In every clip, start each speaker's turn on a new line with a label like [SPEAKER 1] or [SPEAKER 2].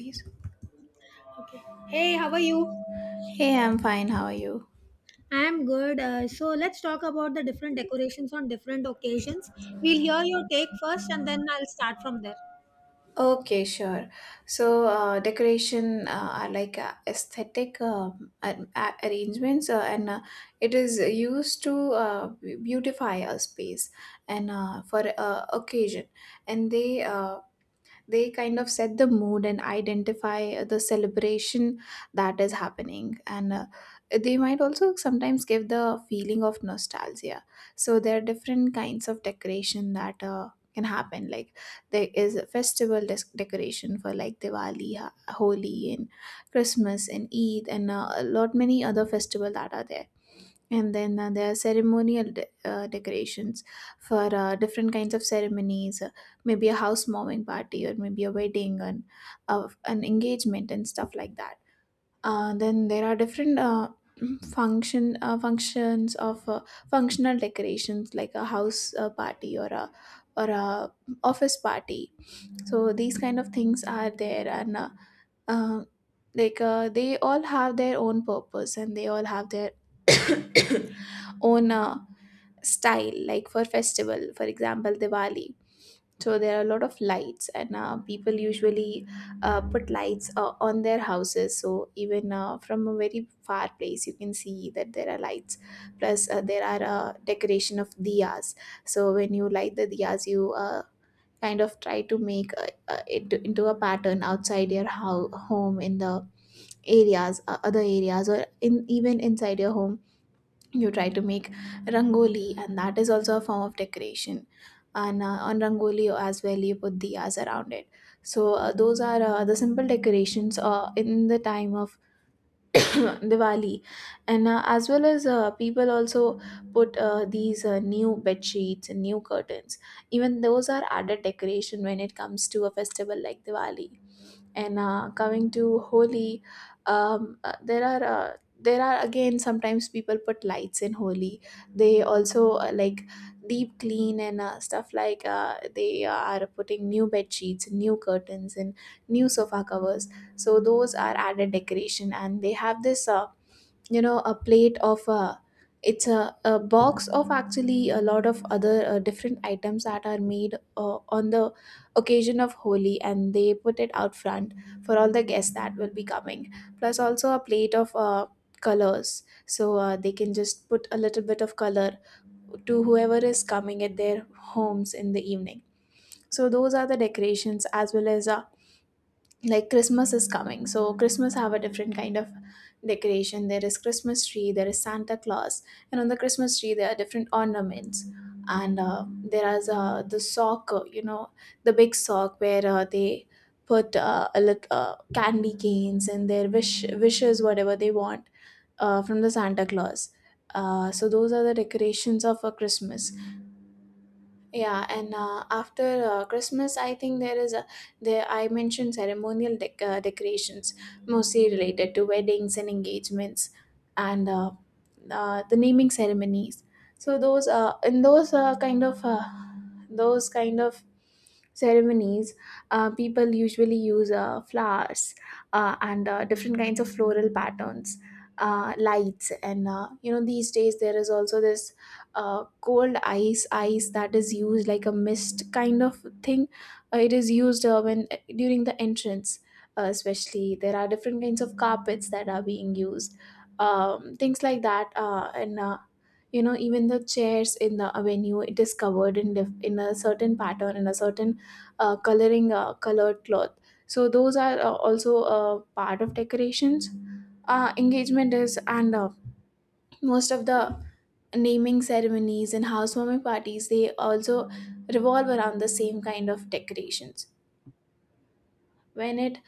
[SPEAKER 1] Please.
[SPEAKER 2] Hey, how are you?
[SPEAKER 1] Hey, I'm fine. How are you?
[SPEAKER 2] I'm good. So let's talk about the different decorations on different occasions. We'll hear your take first and then I'll start from there.
[SPEAKER 1] Okay, sure. So, decoration are like aesthetic arrangements, and it is used to beautify a space, and for occasion, and they kind of set the mood and identify the celebration that is happening, and they might also sometimes give the feeling of nostalgia. So there are different kinds of decoration that can happen, like there is a decoration for like Diwali, Holi, and Christmas and Eid, and a lot many other festival that are there. And then there are ceremonial decorations for different kinds of ceremonies, maybe a housewarming party or maybe a wedding and an engagement and stuff like that. Then there are different functions of functional decorations, like a house party, or a or a office party. So these kind of things are there, and uh, they all have their own purpose, and they all have their own style. Like for festival, for example, Diwali, so there are a lot of lights, and people usually put lights on their houses, so even from a very far place you can see that there are lights. Plus there are decoration of diyas. So when you light the diyas, you kind of try to make it into a pattern outside your home, in the areas, other areas, or in even inside your home you try to make rangoli, and that is also a form of decoration. And on rangoli as well, you put diyas around it. So those are the simple decorations in the time of Diwali. And as well as people also put these new bed sheets and new curtains. Even those are added decoration when it comes to a festival like Diwali. And coming to Holi, there are again, sometimes people put lights in Holi. They also like deep clean, and stuff like they are putting new bed sheets, new curtains, and new sofa covers. So those are added decoration, and they have this. A plate of, it's a box of, actually, a lot of other different items that are made on the occasion of Holi, and they put it out front for all the guests that will be coming. Plus also a plate of colors, so they can just put a little bit of color to whoever is coming at their homes in the evening. So those are the decorations, as well as, like, Christmas is coming. So Christmas have a different kind of decoration. There is Christmas tree, there is Santa Claus, and on the Christmas tree there are different ornaments. And there is the sock, you know, the big sock where they put a little candy canes and their wishes, whatever they want from the Santa Claus. So those are the decorations of a Christmas. Yeah, and after Christmas, I think there is a there I mentioned ceremonial decorations, mostly related to weddings and engagements, and the naming ceremonies. So those in those kind of ceremonies, people usually use flowers and different kinds of floral patterns, lights, and you know, these days there is also this cold ice that is used, like a mist kind of thing. It is used when during the entrance. Especially, there are different kinds of carpets that are being used. Things like that, and you know, even the chairs in the venue, it is covered in in a certain pattern, in a certain coloring colored cloth. So those are also part of decorations. Engagement is, and most of the naming ceremonies and housewarming parties, they also revolve around the same kind of decorations. When it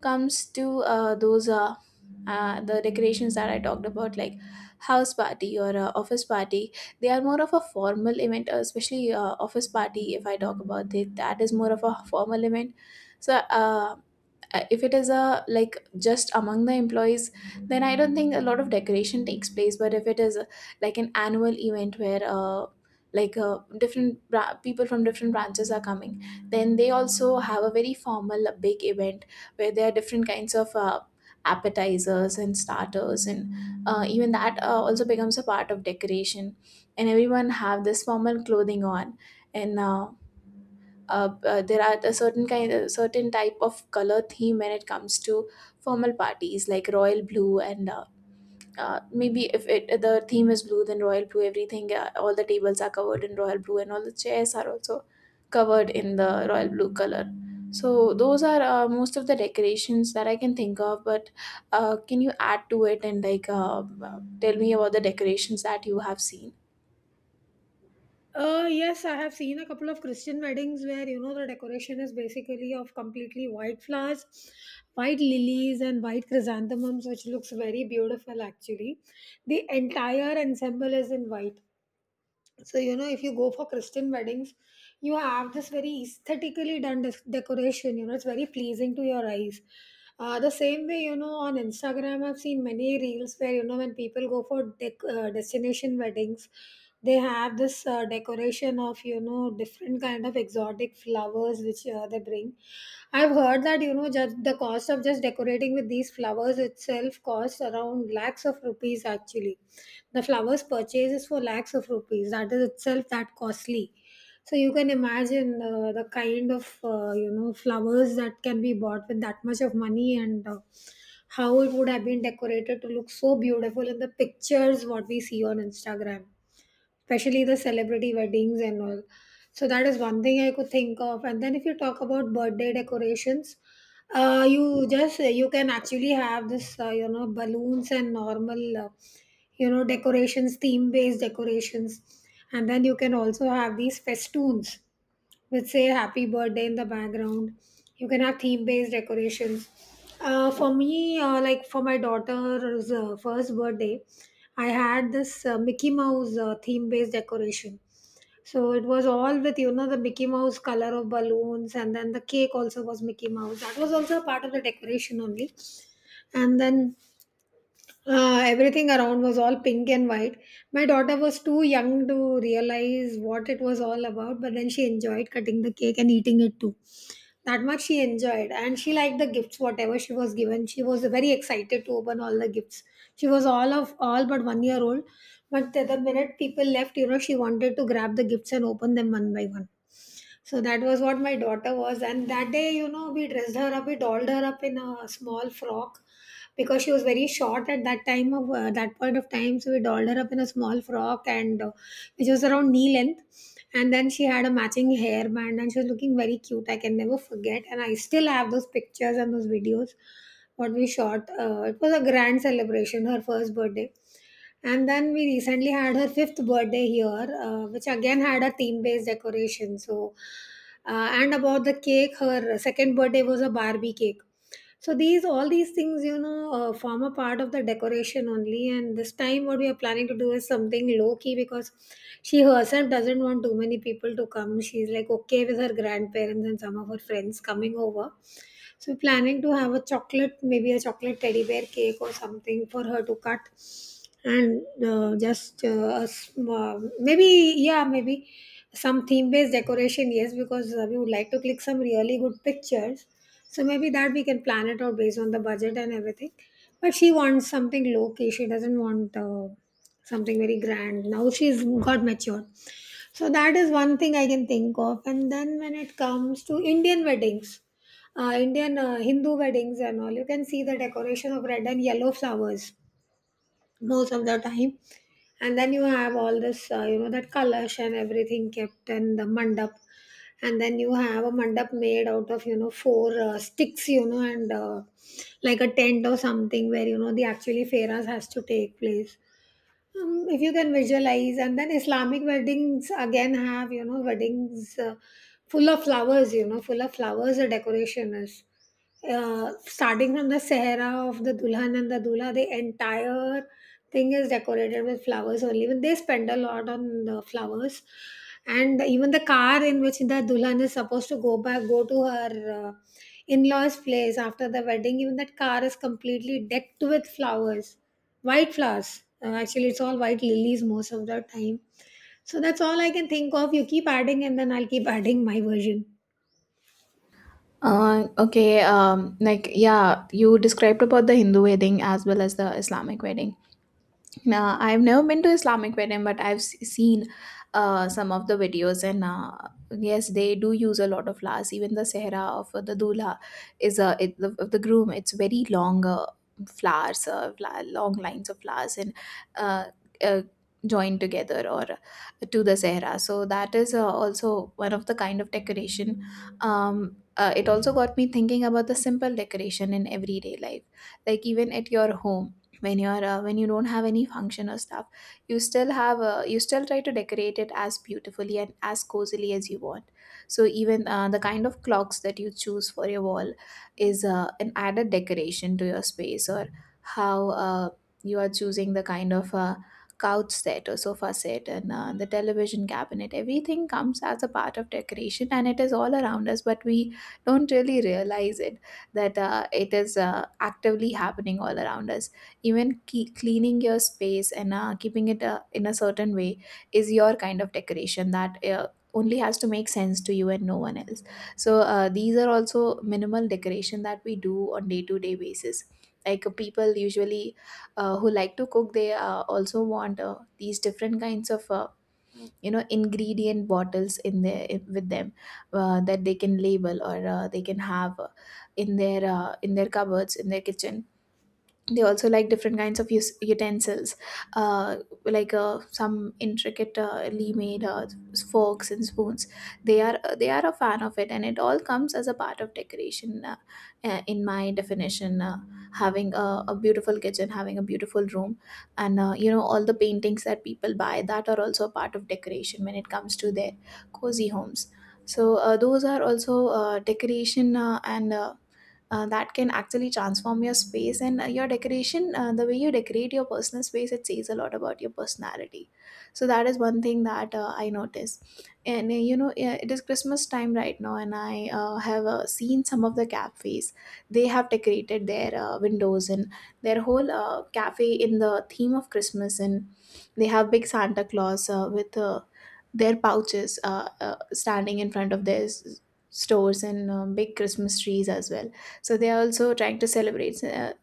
[SPEAKER 1] comes to those the decorations that I talked about, like house party or office party, they are more of a formal event, especially office party. If I talk about it, that is more of a formal event. So, if it is a, like, just among the employees, then I don't think a lot of decoration takes place. But if it is like an annual event where different people from different branches are coming, then they also have a very formal big event, where there are different kinds of appetizers and starters, and even that also becomes a part of decoration. And everyone have this formal clothing on. And there are a certain type of color theme when it comes to formal parties, like royal blue. And maybe if it the theme is blue, then royal blue everything, all the tables are covered in royal blue, and all the chairs are also covered in the royal blue color. So those are most of the decorations that I can think of. But can you add to it, and, like, tell me about the decorations that you have seen?
[SPEAKER 2] Yes, I have seen a couple of Christian weddings where you know the decoration is basically of completely white flowers, white lilies, and white chrysanthemums, which looks very beautiful actually. The entire ensemble is in white. So you know if you go for Christian weddings, you have this very aesthetically done decoration, you know it's very pleasing to your eyes. The same way, you know, on Instagram I've seen many reels where you know when people go for destination weddings, they have this decoration of you know different kind of exotic flowers which they bring. I've heard that you know just the cost of just decorating with these flowers itself costs around lakhs of rupees actually. The flowers purchase is for lakhs of rupees, that is itself that costly. So you can imagine the kind of you know flowers that can be bought with that much of money, and how it would have been decorated to look so beautiful in the pictures what we see on Instagram, especially the celebrity weddings and all. So that is one thing I could think of. And then if you talk about birthday decorations, you just you can actually have this you know balloons and normal you know decorations, theme based decorations, and then you can also have these festoons with say happy birthday in the background. You can have theme based decorations. For me, like for my daughter's first birthday, I had this Mickey Mouse theme based decoration. So it was all with you know the Mickey Mouse color of balloons, and then the cake also was Mickey Mouse, that was also a part of the decoration only. And then everything around was all pink and white. My daughter was too young to realize what it was all about, but then she enjoyed cutting the cake and eating it too. That much she enjoyed, and she liked the gifts, whatever she was given. She was very excited to open all the gifts. She was all of all but 1 year old, but the minute people left, you know, she wanted to grab the gifts and open them one by one. So that was what my daughter was, and that day, you know, we dressed her up, we dolled her up in a small frock because she was very short at that time of that point of time. So we dolled her up in a small frock, and which was around knee length, and then she had a matching hairband and she was looking very cute. I can never forget. And I still have those pictures and those videos what we shot. It was a grand celebration, her first birthday. And then we recently had her fifth birthday here, which again had a theme based decoration. So, and about the cake, her second birthday was a Barbie cake. So these all these things, you know, form a part of the decoration only. And this time, what we are planning to do is something low key because she herself doesn't want too many people to come. She's like okay with her grandparents and some of her friends coming over, so we're planning to have a chocolate, maybe a chocolate teddy bear cake or something for her to cut, and just a maybe yeah, maybe some theme-based decoration. Yes, because we would like to click some really good pictures. So maybe that we can plan it out based on the budget and everything. But she wants something low key. She doesn't want something very grand. Now she's got matured. So that is one thing I can think of. And then when it comes to Indian weddings, Indian Hindu weddings and all, you can see the decoration of red and yellow flowers most of the time. And then you have all this, you know, that kalash and everything kept in the mandap. And then you have a mandap made out of, you know, four sticks, you know, and like a tent or something where, you know, the actually fairas has to take place. If you can visualize, and then Islamic weddings again have, you know, weddings full of flowers, you know, full of flowers, the decoration is. Starting from the Sahara of the Dulhan and the Dula, the entire thing is decorated with flowers only. Even they spend a lot on the flowers. And even the car in which the Dulhan is supposed to go back, go to her in law's place after the wedding, even that car is completely decked with flowers. White flowers. Actually, it's all white lilies most of the time. So that's all I can think of. You keep adding, and then I'll keep adding my version.
[SPEAKER 1] Okay, like, yeah, you described about the Hindu wedding as well as the Islamic wedding. Now, I've never been to Islamic wedding, but I've seen some of the videos, and yes, they do use a lot of flowers. Even the sehra of the dula is a, of the groom. It's very long, flowers, long lines of flowers, and uh, uh, joined together, or to the sehra. So that is also one of the kind of decoration. It also got me thinking about the simple decoration in everyday life, like even at your home, when you're when you don't have any function or stuff, you still try to decorate it as beautifully and as cozily as you want. So even the kind of clocks that you choose for your wall is an added decoration to your space, or how you are choosing the kind of couch set or sofa set, and the television cabinet. Everything comes as a part of decoration, and it is all around us, but we don't really realize it, that it is actively happening all around us. Even cleaning your space and keeping it in a certain way is your kind of decoration that only has to make sense to you and no one else. So these are also minimal decoration that we do on day to day basis. Like people usually, who like to cook, they also want these different kinds of, ingredient bottles in there with them, that they can label, or they can have in their cupboards, in their kitchen. They also like different kinds of utensils, uh, like some intricately made forks and spoons. They are a fan of it, and it all comes as a part of decoration, in my definition. Having a beautiful kitchen, having a beautiful room, and you know, all the paintings that people buy, that are also a part of decoration when it comes to their cozy homes. So those are also decoration, and that can actually transform your space. And your decoration, the way you decorate your personal space, it says a lot about your personality. So that is one thing that I notice. And you know, it is Christmas time right now, and I have seen some of the cafes, they have decorated their windows and their whole cafe in the theme of Christmas, and they have big Santa Claus with their pouches, standing in front of their stores, and big Christmas trees as well. So they are also trying to celebrate,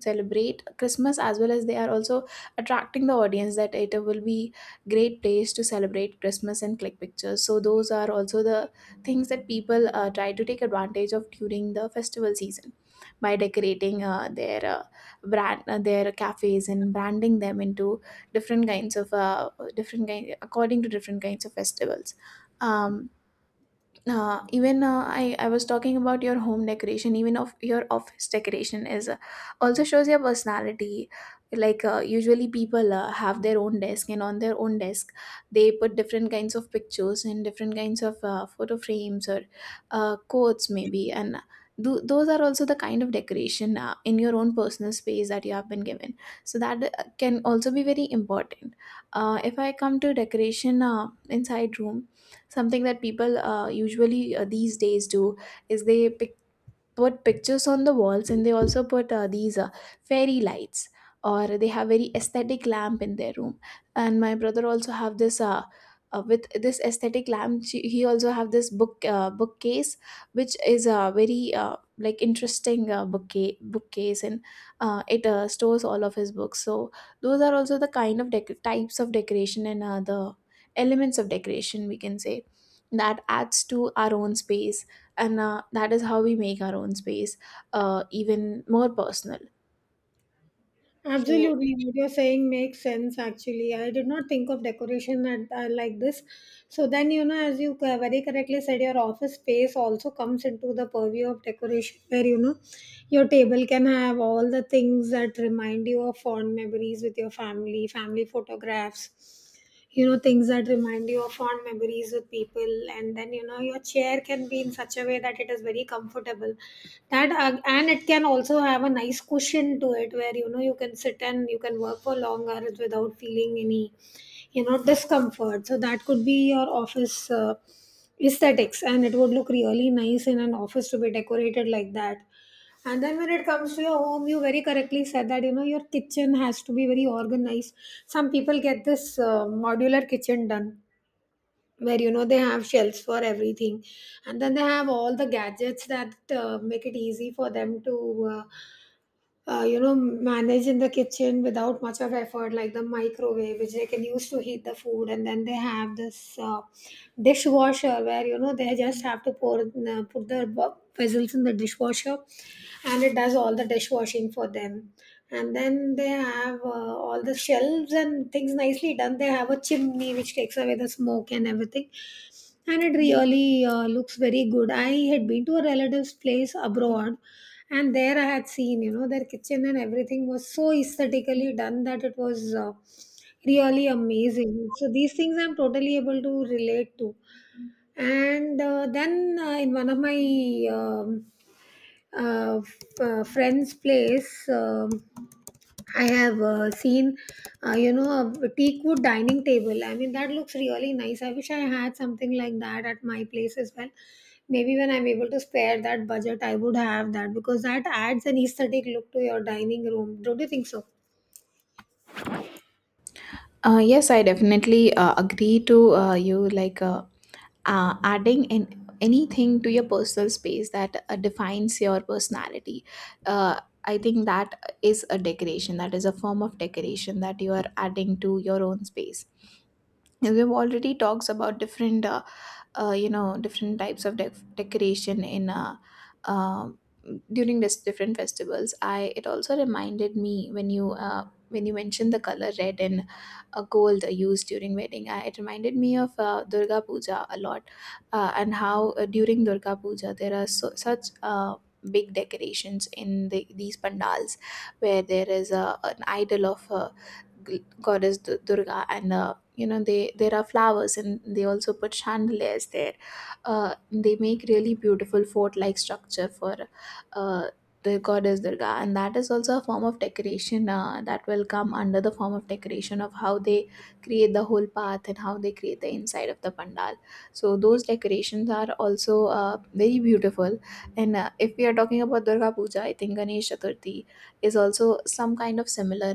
[SPEAKER 1] celebrate Christmas, as well as they are also attracting the audience, that it will be great place to celebrate Christmas and click pictures. So those are also the things that people try to take advantage of during the festival season, by decorating their cafes and branding them into different kinds of, different kind according to different kinds of festivals. um, Even I was talking about your home decoration, even of your office decoration is also shows your personality. Usually people have their own desk, and on their own desk they put different kinds of pictures and different kinds of photo frames or quotes maybe, and those are also the kind of decoration in your own personal space that you have been given, so that can also be very important. If I come to decoration inside room, something that people usually these days do is they pick put pictures on the walls, and they also put these fairy lights, or they have very aesthetic lamp in their room. And my brother also have this aesthetic lamp. He also have this bookcase, which is a very like interesting bookcase, and it stores all of his books. So those are also the kind of types of decoration, and the elements of decoration, we can say, that adds to our own space. And that is how we make our own space even more personal. so
[SPEAKER 2] Absolutely, what you're saying makes sense actually. I did not think of decoration at, like this. So then, you know, as you very correctly said, your office space also comes into the purview of decoration, where you know your table can have all the things that remind you of fond memories with your family, family photographs, you know things that remind you of fond memories with people, and then you know your chair can be in such a way that it is very comfortable that and it can also have a nice cushion to it where you know you can sit and you can work for long hours without feeling any you know discomfort, so that could be your office aesthetics, and it would look really nice in an office to be decorated like that. And then when it comes to your home, you very correctly said that you know your kitchen has to be very organized. Some people get this modular kitchen done where you know they have shelves for everything, and then they have all the gadgets that make it easy for them to you know, manage in the kitchen without much of effort, like the microwave, which they can use to heat the food. And then they have this dishwasher where, you know, they just have to pour put their vessels in the dishwasher, and it does all the dishwashing for them. And then they have all the shelves and things nicely done. They have a chimney which takes away the smoke and everything, and it really looks very good. I had been to a relative's place abroad, and there I had seen you know their kitchen and everything was so aesthetically done that it was really amazing. So these things I'm totally able to relate to, and then in one of my friend's place, I have seen, you know, a teakwood dining table. I mean, that looks really nice. I wish I had something like that at my place as well. Maybe when I'm able to spare that budget, I would have that because that adds an aesthetic look to your dining room. Don't you think so?
[SPEAKER 1] uh, yes, I definitely agree to you, like, adding in anything to your personal space that defines your personality. I think that is a form of decoration that you are adding to your own space. We've already talks about different you know different types of decoration in um during this different festivals. I it also reminded me when you mentioned the color red and gold used during wedding. It reminded me of durga puja a lot, and how during durga puja there are such big decorations in these pandals, where there is an idol of goddess durga. And a, you know, they, there are flowers, and they also put chandeliers there. They make really beautiful fort like structure for uh, the goddess durga, and that is also a form of decoration that will come under the form of decoration of how they create the whole path and how they create the inside of the pandal. So those decorations are also very beautiful. And if we are talking about durga puja, I think ganesh chaturthi is also some kind of similar.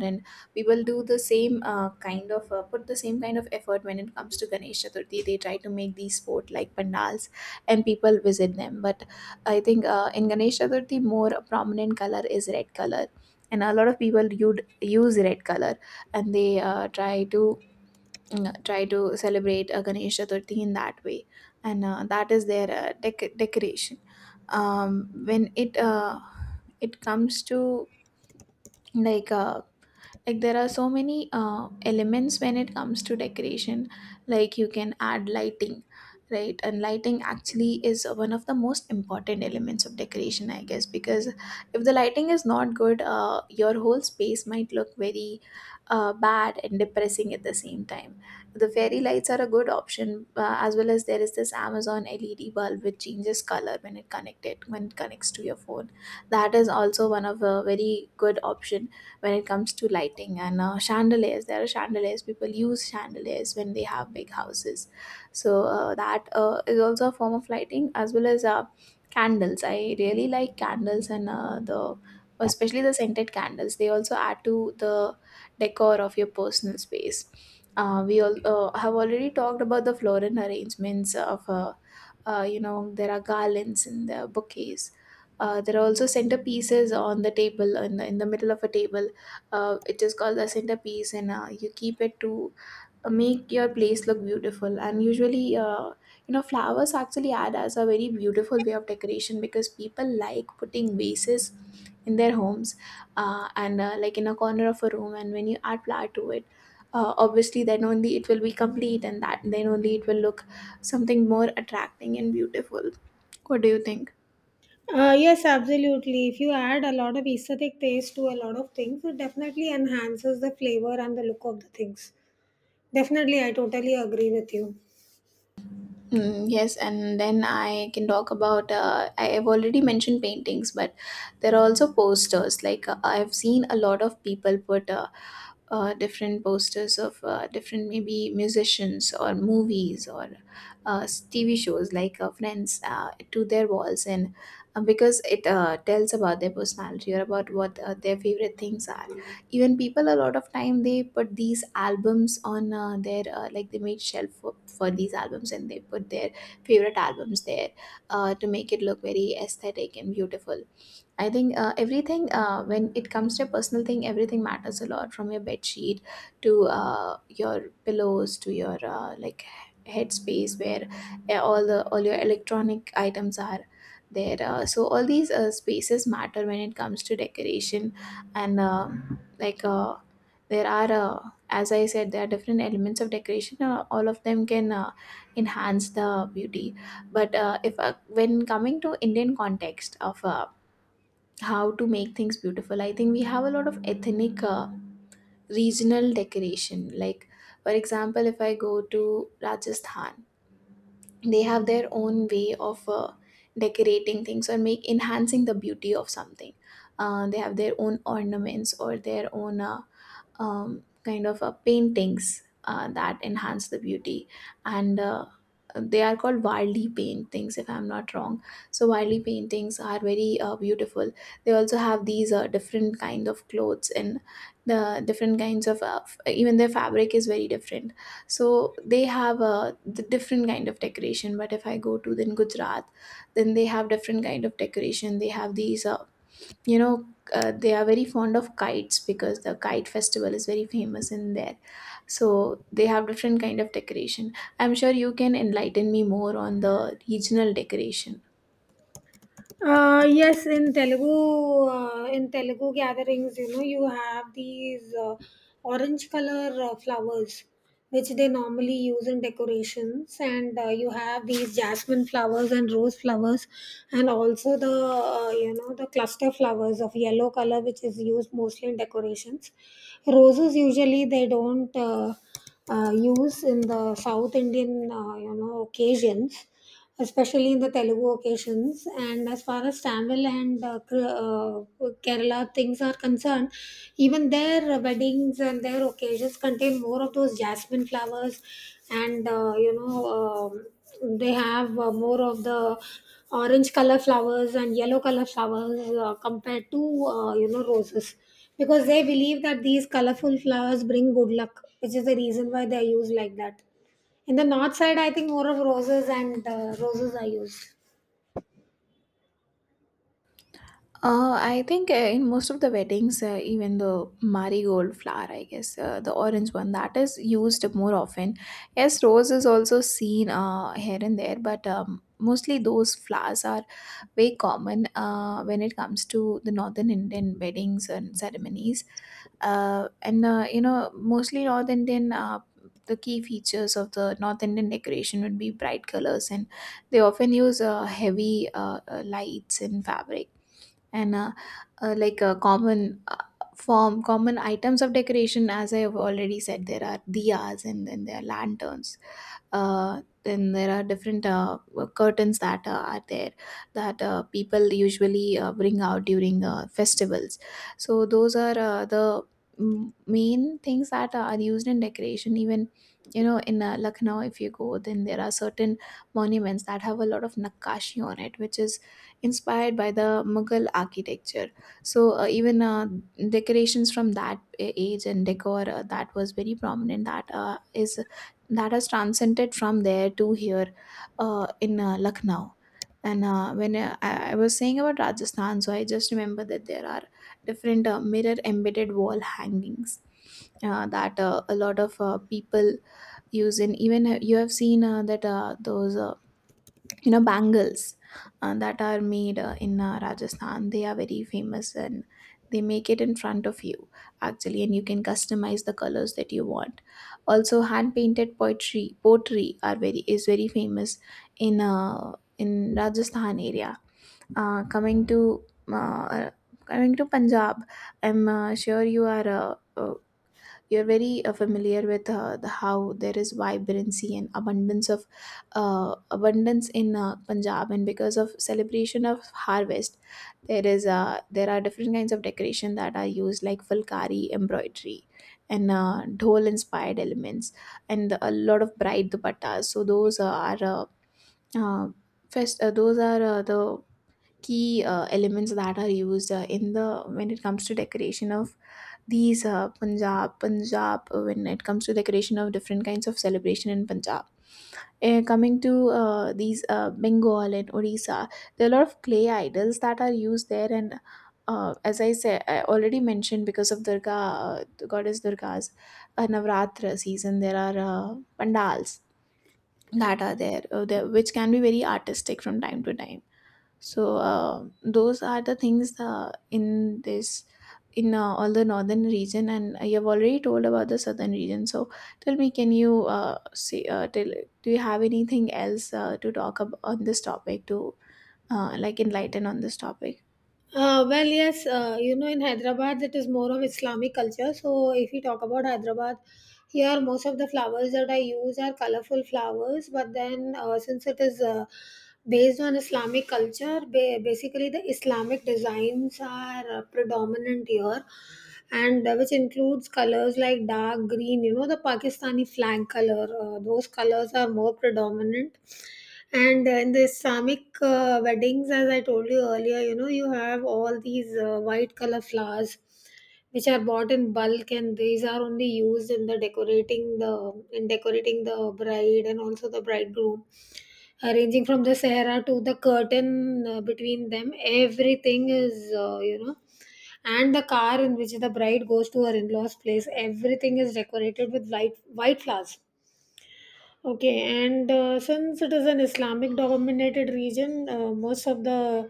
[SPEAKER 1] We will do the same kind of, put the same kind of effort when it comes to ganesh chaturthi. They try to make these sport like pandals and people visit them. But I think in ganesh chaturthi more prominent color is red color, and a lot of people you'd use red color, and they try to celebrate ganesh chaturthi in that way. And that is their decoration. um, when it comes to, like uh, like, there are so many elements when it comes to decoration. Like, you can add lighting, right? And lighting actually is one of the most important elements of decoration, I guess, because if the lighting is not good, your whole space might look very bad and depressing at the same time. The fairy lights are a good option, as well as there is this amazon led bulb which changes color when it connects to your phone. That is also one of a very good option when it comes to lighting. And chandeliers there are chandeliers people use chandeliers when they have big houses. So that is also a form of lighting, as well as candles. I really like candles, and the especially the scented candles, they also add to the decor of your personal space. We all have already talked about the floral arrangements of there are garlands and there are bouquets. There are also centerpieces on the table, in in the middle of a table. It is called the centerpiece, and you keep it to make your place look beautiful. And usually, flowers actually add as a very beautiful way of decoration, because people like putting vases in their homes and like in a corner of a room. And when you add flower to it, obviously, then only it will be complete, and that then only it will look something more attracting and beautiful. What do you think?
[SPEAKER 2] Yes, absolutely. If you add a lot of aesthetic taste to a lot of things, it definitely enhances the flavor and the look of the things. Definitely, I totally agree with you.
[SPEAKER 1] Mm, yes. And then I can talk about, I have already mentioned paintings, but there are also posters. I've seen a lot of people put different posters of different maybe musicians or movies or TV shows like Friends to their walls, and because it tells about their personality or about what their favorite things are. Even people, a lot of time they put these albums on their like they make shelf for these albums, and they put their favorite albums there to make it look very aesthetic and beautiful. I think everything, when it comes to a personal thing, everything matters a lot, from your bed sheet to your pillows to your headspace where all your electronic items are there. So all these spaces matter when it comes to decoration. And like there are as I said, there are different elements of decoration. All of them can enhance the beauty. But if when coming to Indian context of how to make things beautiful, I think we have a lot of ethnic, regional decoration. Like, for example, if I go to rajasthan, they have their own way of decorating things or make enhancing the beauty of something. They have their own ornaments or their own paintings that enhance the beauty. And they are called wildly paintings, if I'm not wrong. So wildly paintings are very beautiful. They also have these different kind of clothes, and the different kinds of even their fabric is very different. So they have the different kind of decoration. But if I go to then gujarat, then they have different kind of decoration. They have these, you know they are very fond of kites, because the kite festival is very famous in there. So they have different kind of decoration. I'm sure you can enlighten me more on the regional decoration.
[SPEAKER 2] Yes, in Telugu gatherings, you know, you have these orange color flowers, which they normally use in decorations, and you have these jasmine flowers and rose flowers, and also the you know the cluster flowers of yellow color, which is used mostly in decorations. Roses usually they don't use in the South Indian you know occasions, especially in the Telugu occasions. And as far as Tamil and uh, Kerala things are concerned, even their weddings and their occasions contain more of those jasmine flowers, and you know they have more of the orange color flowers and yellow color flowers compared to you know roses, because they believe that these colorful flowers bring good luck, which is the reason why they are used like that. In the north side, I think more of roses and roses are used.
[SPEAKER 1] I think in most of the weddings, even the marigold flower, I guess, the orange one, that is used more often. Yes, rose is also seen here and there, but mostly those flowers are very common when it comes to the northern Indian weddings and ceremonies. And You know, mostly North Indian, the key features of the North Indian decoration would be bright colors, and they often use heavy lights and fabric, and a common common items of decoration. As I have already said, there are diyas, and then there are lanterns, then there are different curtains that are there, that people usually bring out during festivals. So those are the main things that are used in decoration. Even, you know, in lucknow, if you go, then there are certain monuments that have a lot of nakashi on it, which is inspired by the mughal architecture. So even decorations from that age and decor that was very prominent, that has transcended from there to here in Lucknow. And when I was saying about Rajasthan, so I just remember that there are different mirror embedded wall hangings that a lot of people use. And even you have seen that those you know bangles that are made in rajasthan, they are very famous, and they make it in front of you actually, and you can customize the colors that you want. Also hand painted poetry pottery are very is very famous in in rajasthan area. uh, coming to uh, Coming to punjab, I'm sure you are uh, you're very familiar with how there is vibrancy and abundance in Punjab, and because of celebration of harvest, there are different kinds of decoration that are used, like fulkari embroidery, and dhol inspired elements, and a lot of bright dupattas. So those are uh, those are the key elements that are used in the when it comes to decoration of these punjab punjab when it comes to decoration of different kinds of celebration in Punjab. Coming to these Bengal and Odisha, there are a lot of clay idols that are used there, and as I said, I already mentioned, because of Durga, the goddess Durga's Navratra season, there are pandals that are there, there, which can be very artistic from time to time. So those are the things in this, in all the northern region, and you have already told about the southern region. So tell me, can you say tell, do you have anything else to talk about on this topic, to like enlighten on this topic?
[SPEAKER 2] Well, yes, you know, in Hyderabad, it is more of Islamic culture. So, if you talk about Hyderabad, here most of the flowers that I use are colorful flowers. But then, since it is based on Islamic culture, basically the Islamic designs are predominant here, and which includes colors like dark green, you know, the Pakistani flag color. Those colors are more predominant. And in the Islamic weddings, as I told you earlier, you know, you have all these white color flowers which are bought in bulk, and these are only used in the decorating the in decorating the bride and also the bridegroom. Arranging from the sahara to the curtain between them, everything is you know, and the car in which the bride goes to her in-laws' place, everything is decorated with white flowers. Okay, and since it is an Islamic dominated region, most of the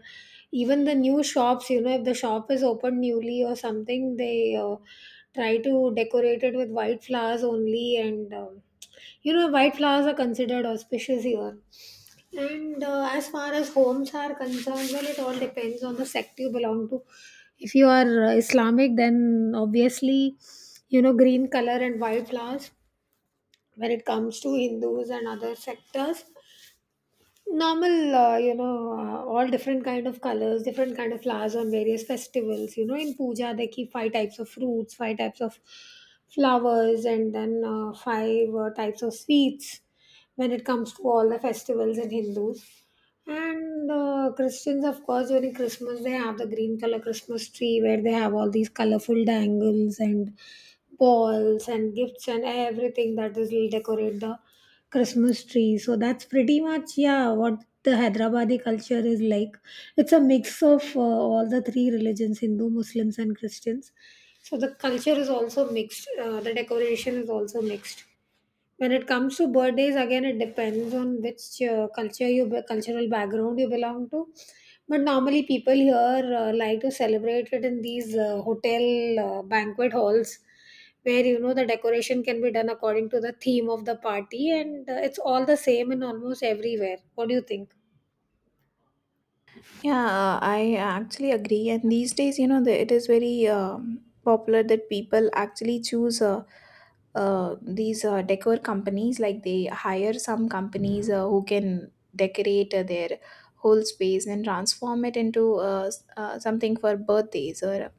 [SPEAKER 2] even the new shops, you know, if the shop is opened newly or something, they try to decorate it with white flowers only, and you know, white flowers are considered auspicious here. And as far as homes are concerned, well, it all depends on the sect you belong to. If you are Islamic, then obviously, you know, green color and white flowers. When it comes to Hindus and other sectors, normal you know all different kind of colors, different kind of flowers on various festivals. You know in puja they keep five types of fruits, five types of flowers, and then five types of sweets when it comes to all the festivals in Hindus. And Christians of course during Christmas they have the green color Christmas tree where they have all these colorful dangles and balls and gifts and everything that is will decorate the Christmas tree. So that's pretty much yeah what the Hyderabadi culture is like. It's a mix of all the three religions: Hindu, Muslims, and Christians. So the culture is also mixed. The decoration is also mixed. When it comes to birthdays, again, it depends on which culture you cultural background you belong to. But normally, people here like to celebrate it in these hotel banquet halls, where you know the decoration can be done according to the theme of the party, and it's all the same in almost everywhere. What do you think?
[SPEAKER 1] Yeah, I actually agree. And these days, you know, it is very popular that people actually choose these decor companies. Like, they hire some companies who can decorate their whole space and transform it into something for birthdays or,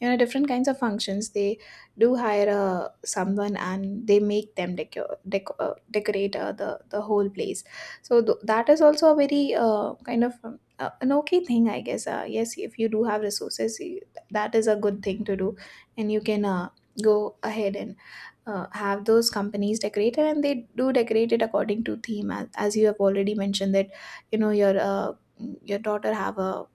[SPEAKER 1] you know, different kinds of functions. They do hire someone, and they make them decorate the whole place. So that is also a very kind of an okay thing, I guess. Yes, if you do have resources, that is a good thing to do, and you can go ahead and have those companies decorated, and they do decorate it according to theme, as you have already mentioned that, you know, your daughter have a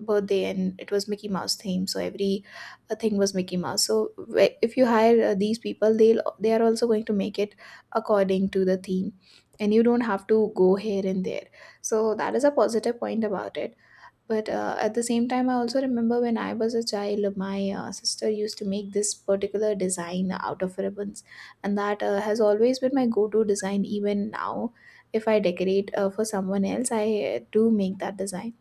[SPEAKER 1] birthday and it was Mickey Mouse theme, so every thing was Mickey Mouse. So if you hire these people, they are also going to make it according to the theme, and you don't have to go here and there. So that is a positive point about it. But at the same time, I also remember when I was a child, my sister used to make this particular design out of ribbons, and that has always been my go-to design. Even now, if I decorate for someone else, I do make that design.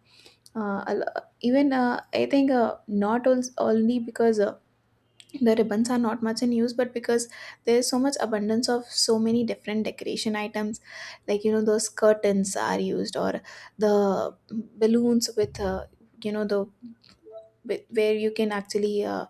[SPEAKER 1] A lo- even I think not al- only because the ribbons are not much in use, but because there is so much abundance of so many different decoration items, like, you know, those curtains are used, or the balloons with, you know, the where you can actually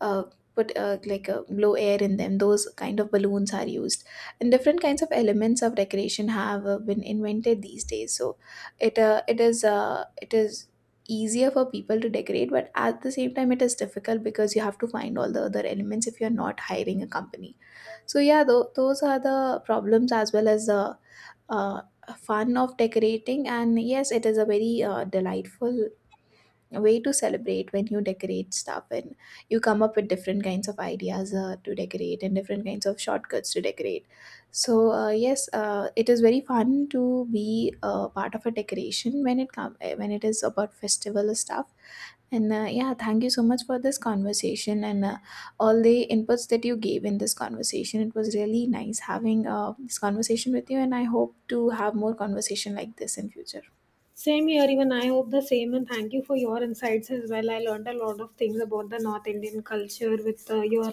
[SPEAKER 1] uh, put like blow air in them, those kind of balloons are used. And different kinds of elements of decoration have been invented these days, so it is easier for people to decorate, but at the same time it is difficult because you have to find all the other elements if you're not hiring a company. So yeah, those are the problems, as well as the uh, fun of decorating. And yes, it is a very delightful way to celebrate, when you decorate stuff and you come up with different kinds of ideas to decorate, and different kinds of shortcuts to decorate. So yes, it is very fun to be a part of a decoration when it come when it is about festival stuff. And yeah, thank you so much for this conversation, and all the inputs that you gave in this conversation. It was really nice having this conversation with you, and I hope to have more conversation like this in future.
[SPEAKER 2] Same here, even I hope the same, and thank you for your insights as well. I learned a lot of things about the North Indian culture with your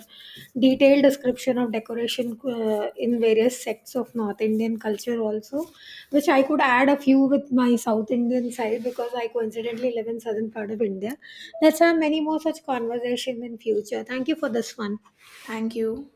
[SPEAKER 2] detailed description of decoration in various sects of North Indian culture, also, which I could add a few with my South Indian side because I coincidentally live in southern part of India. Let's have many more such conversation in future. Thank you for this one.
[SPEAKER 1] Thank you.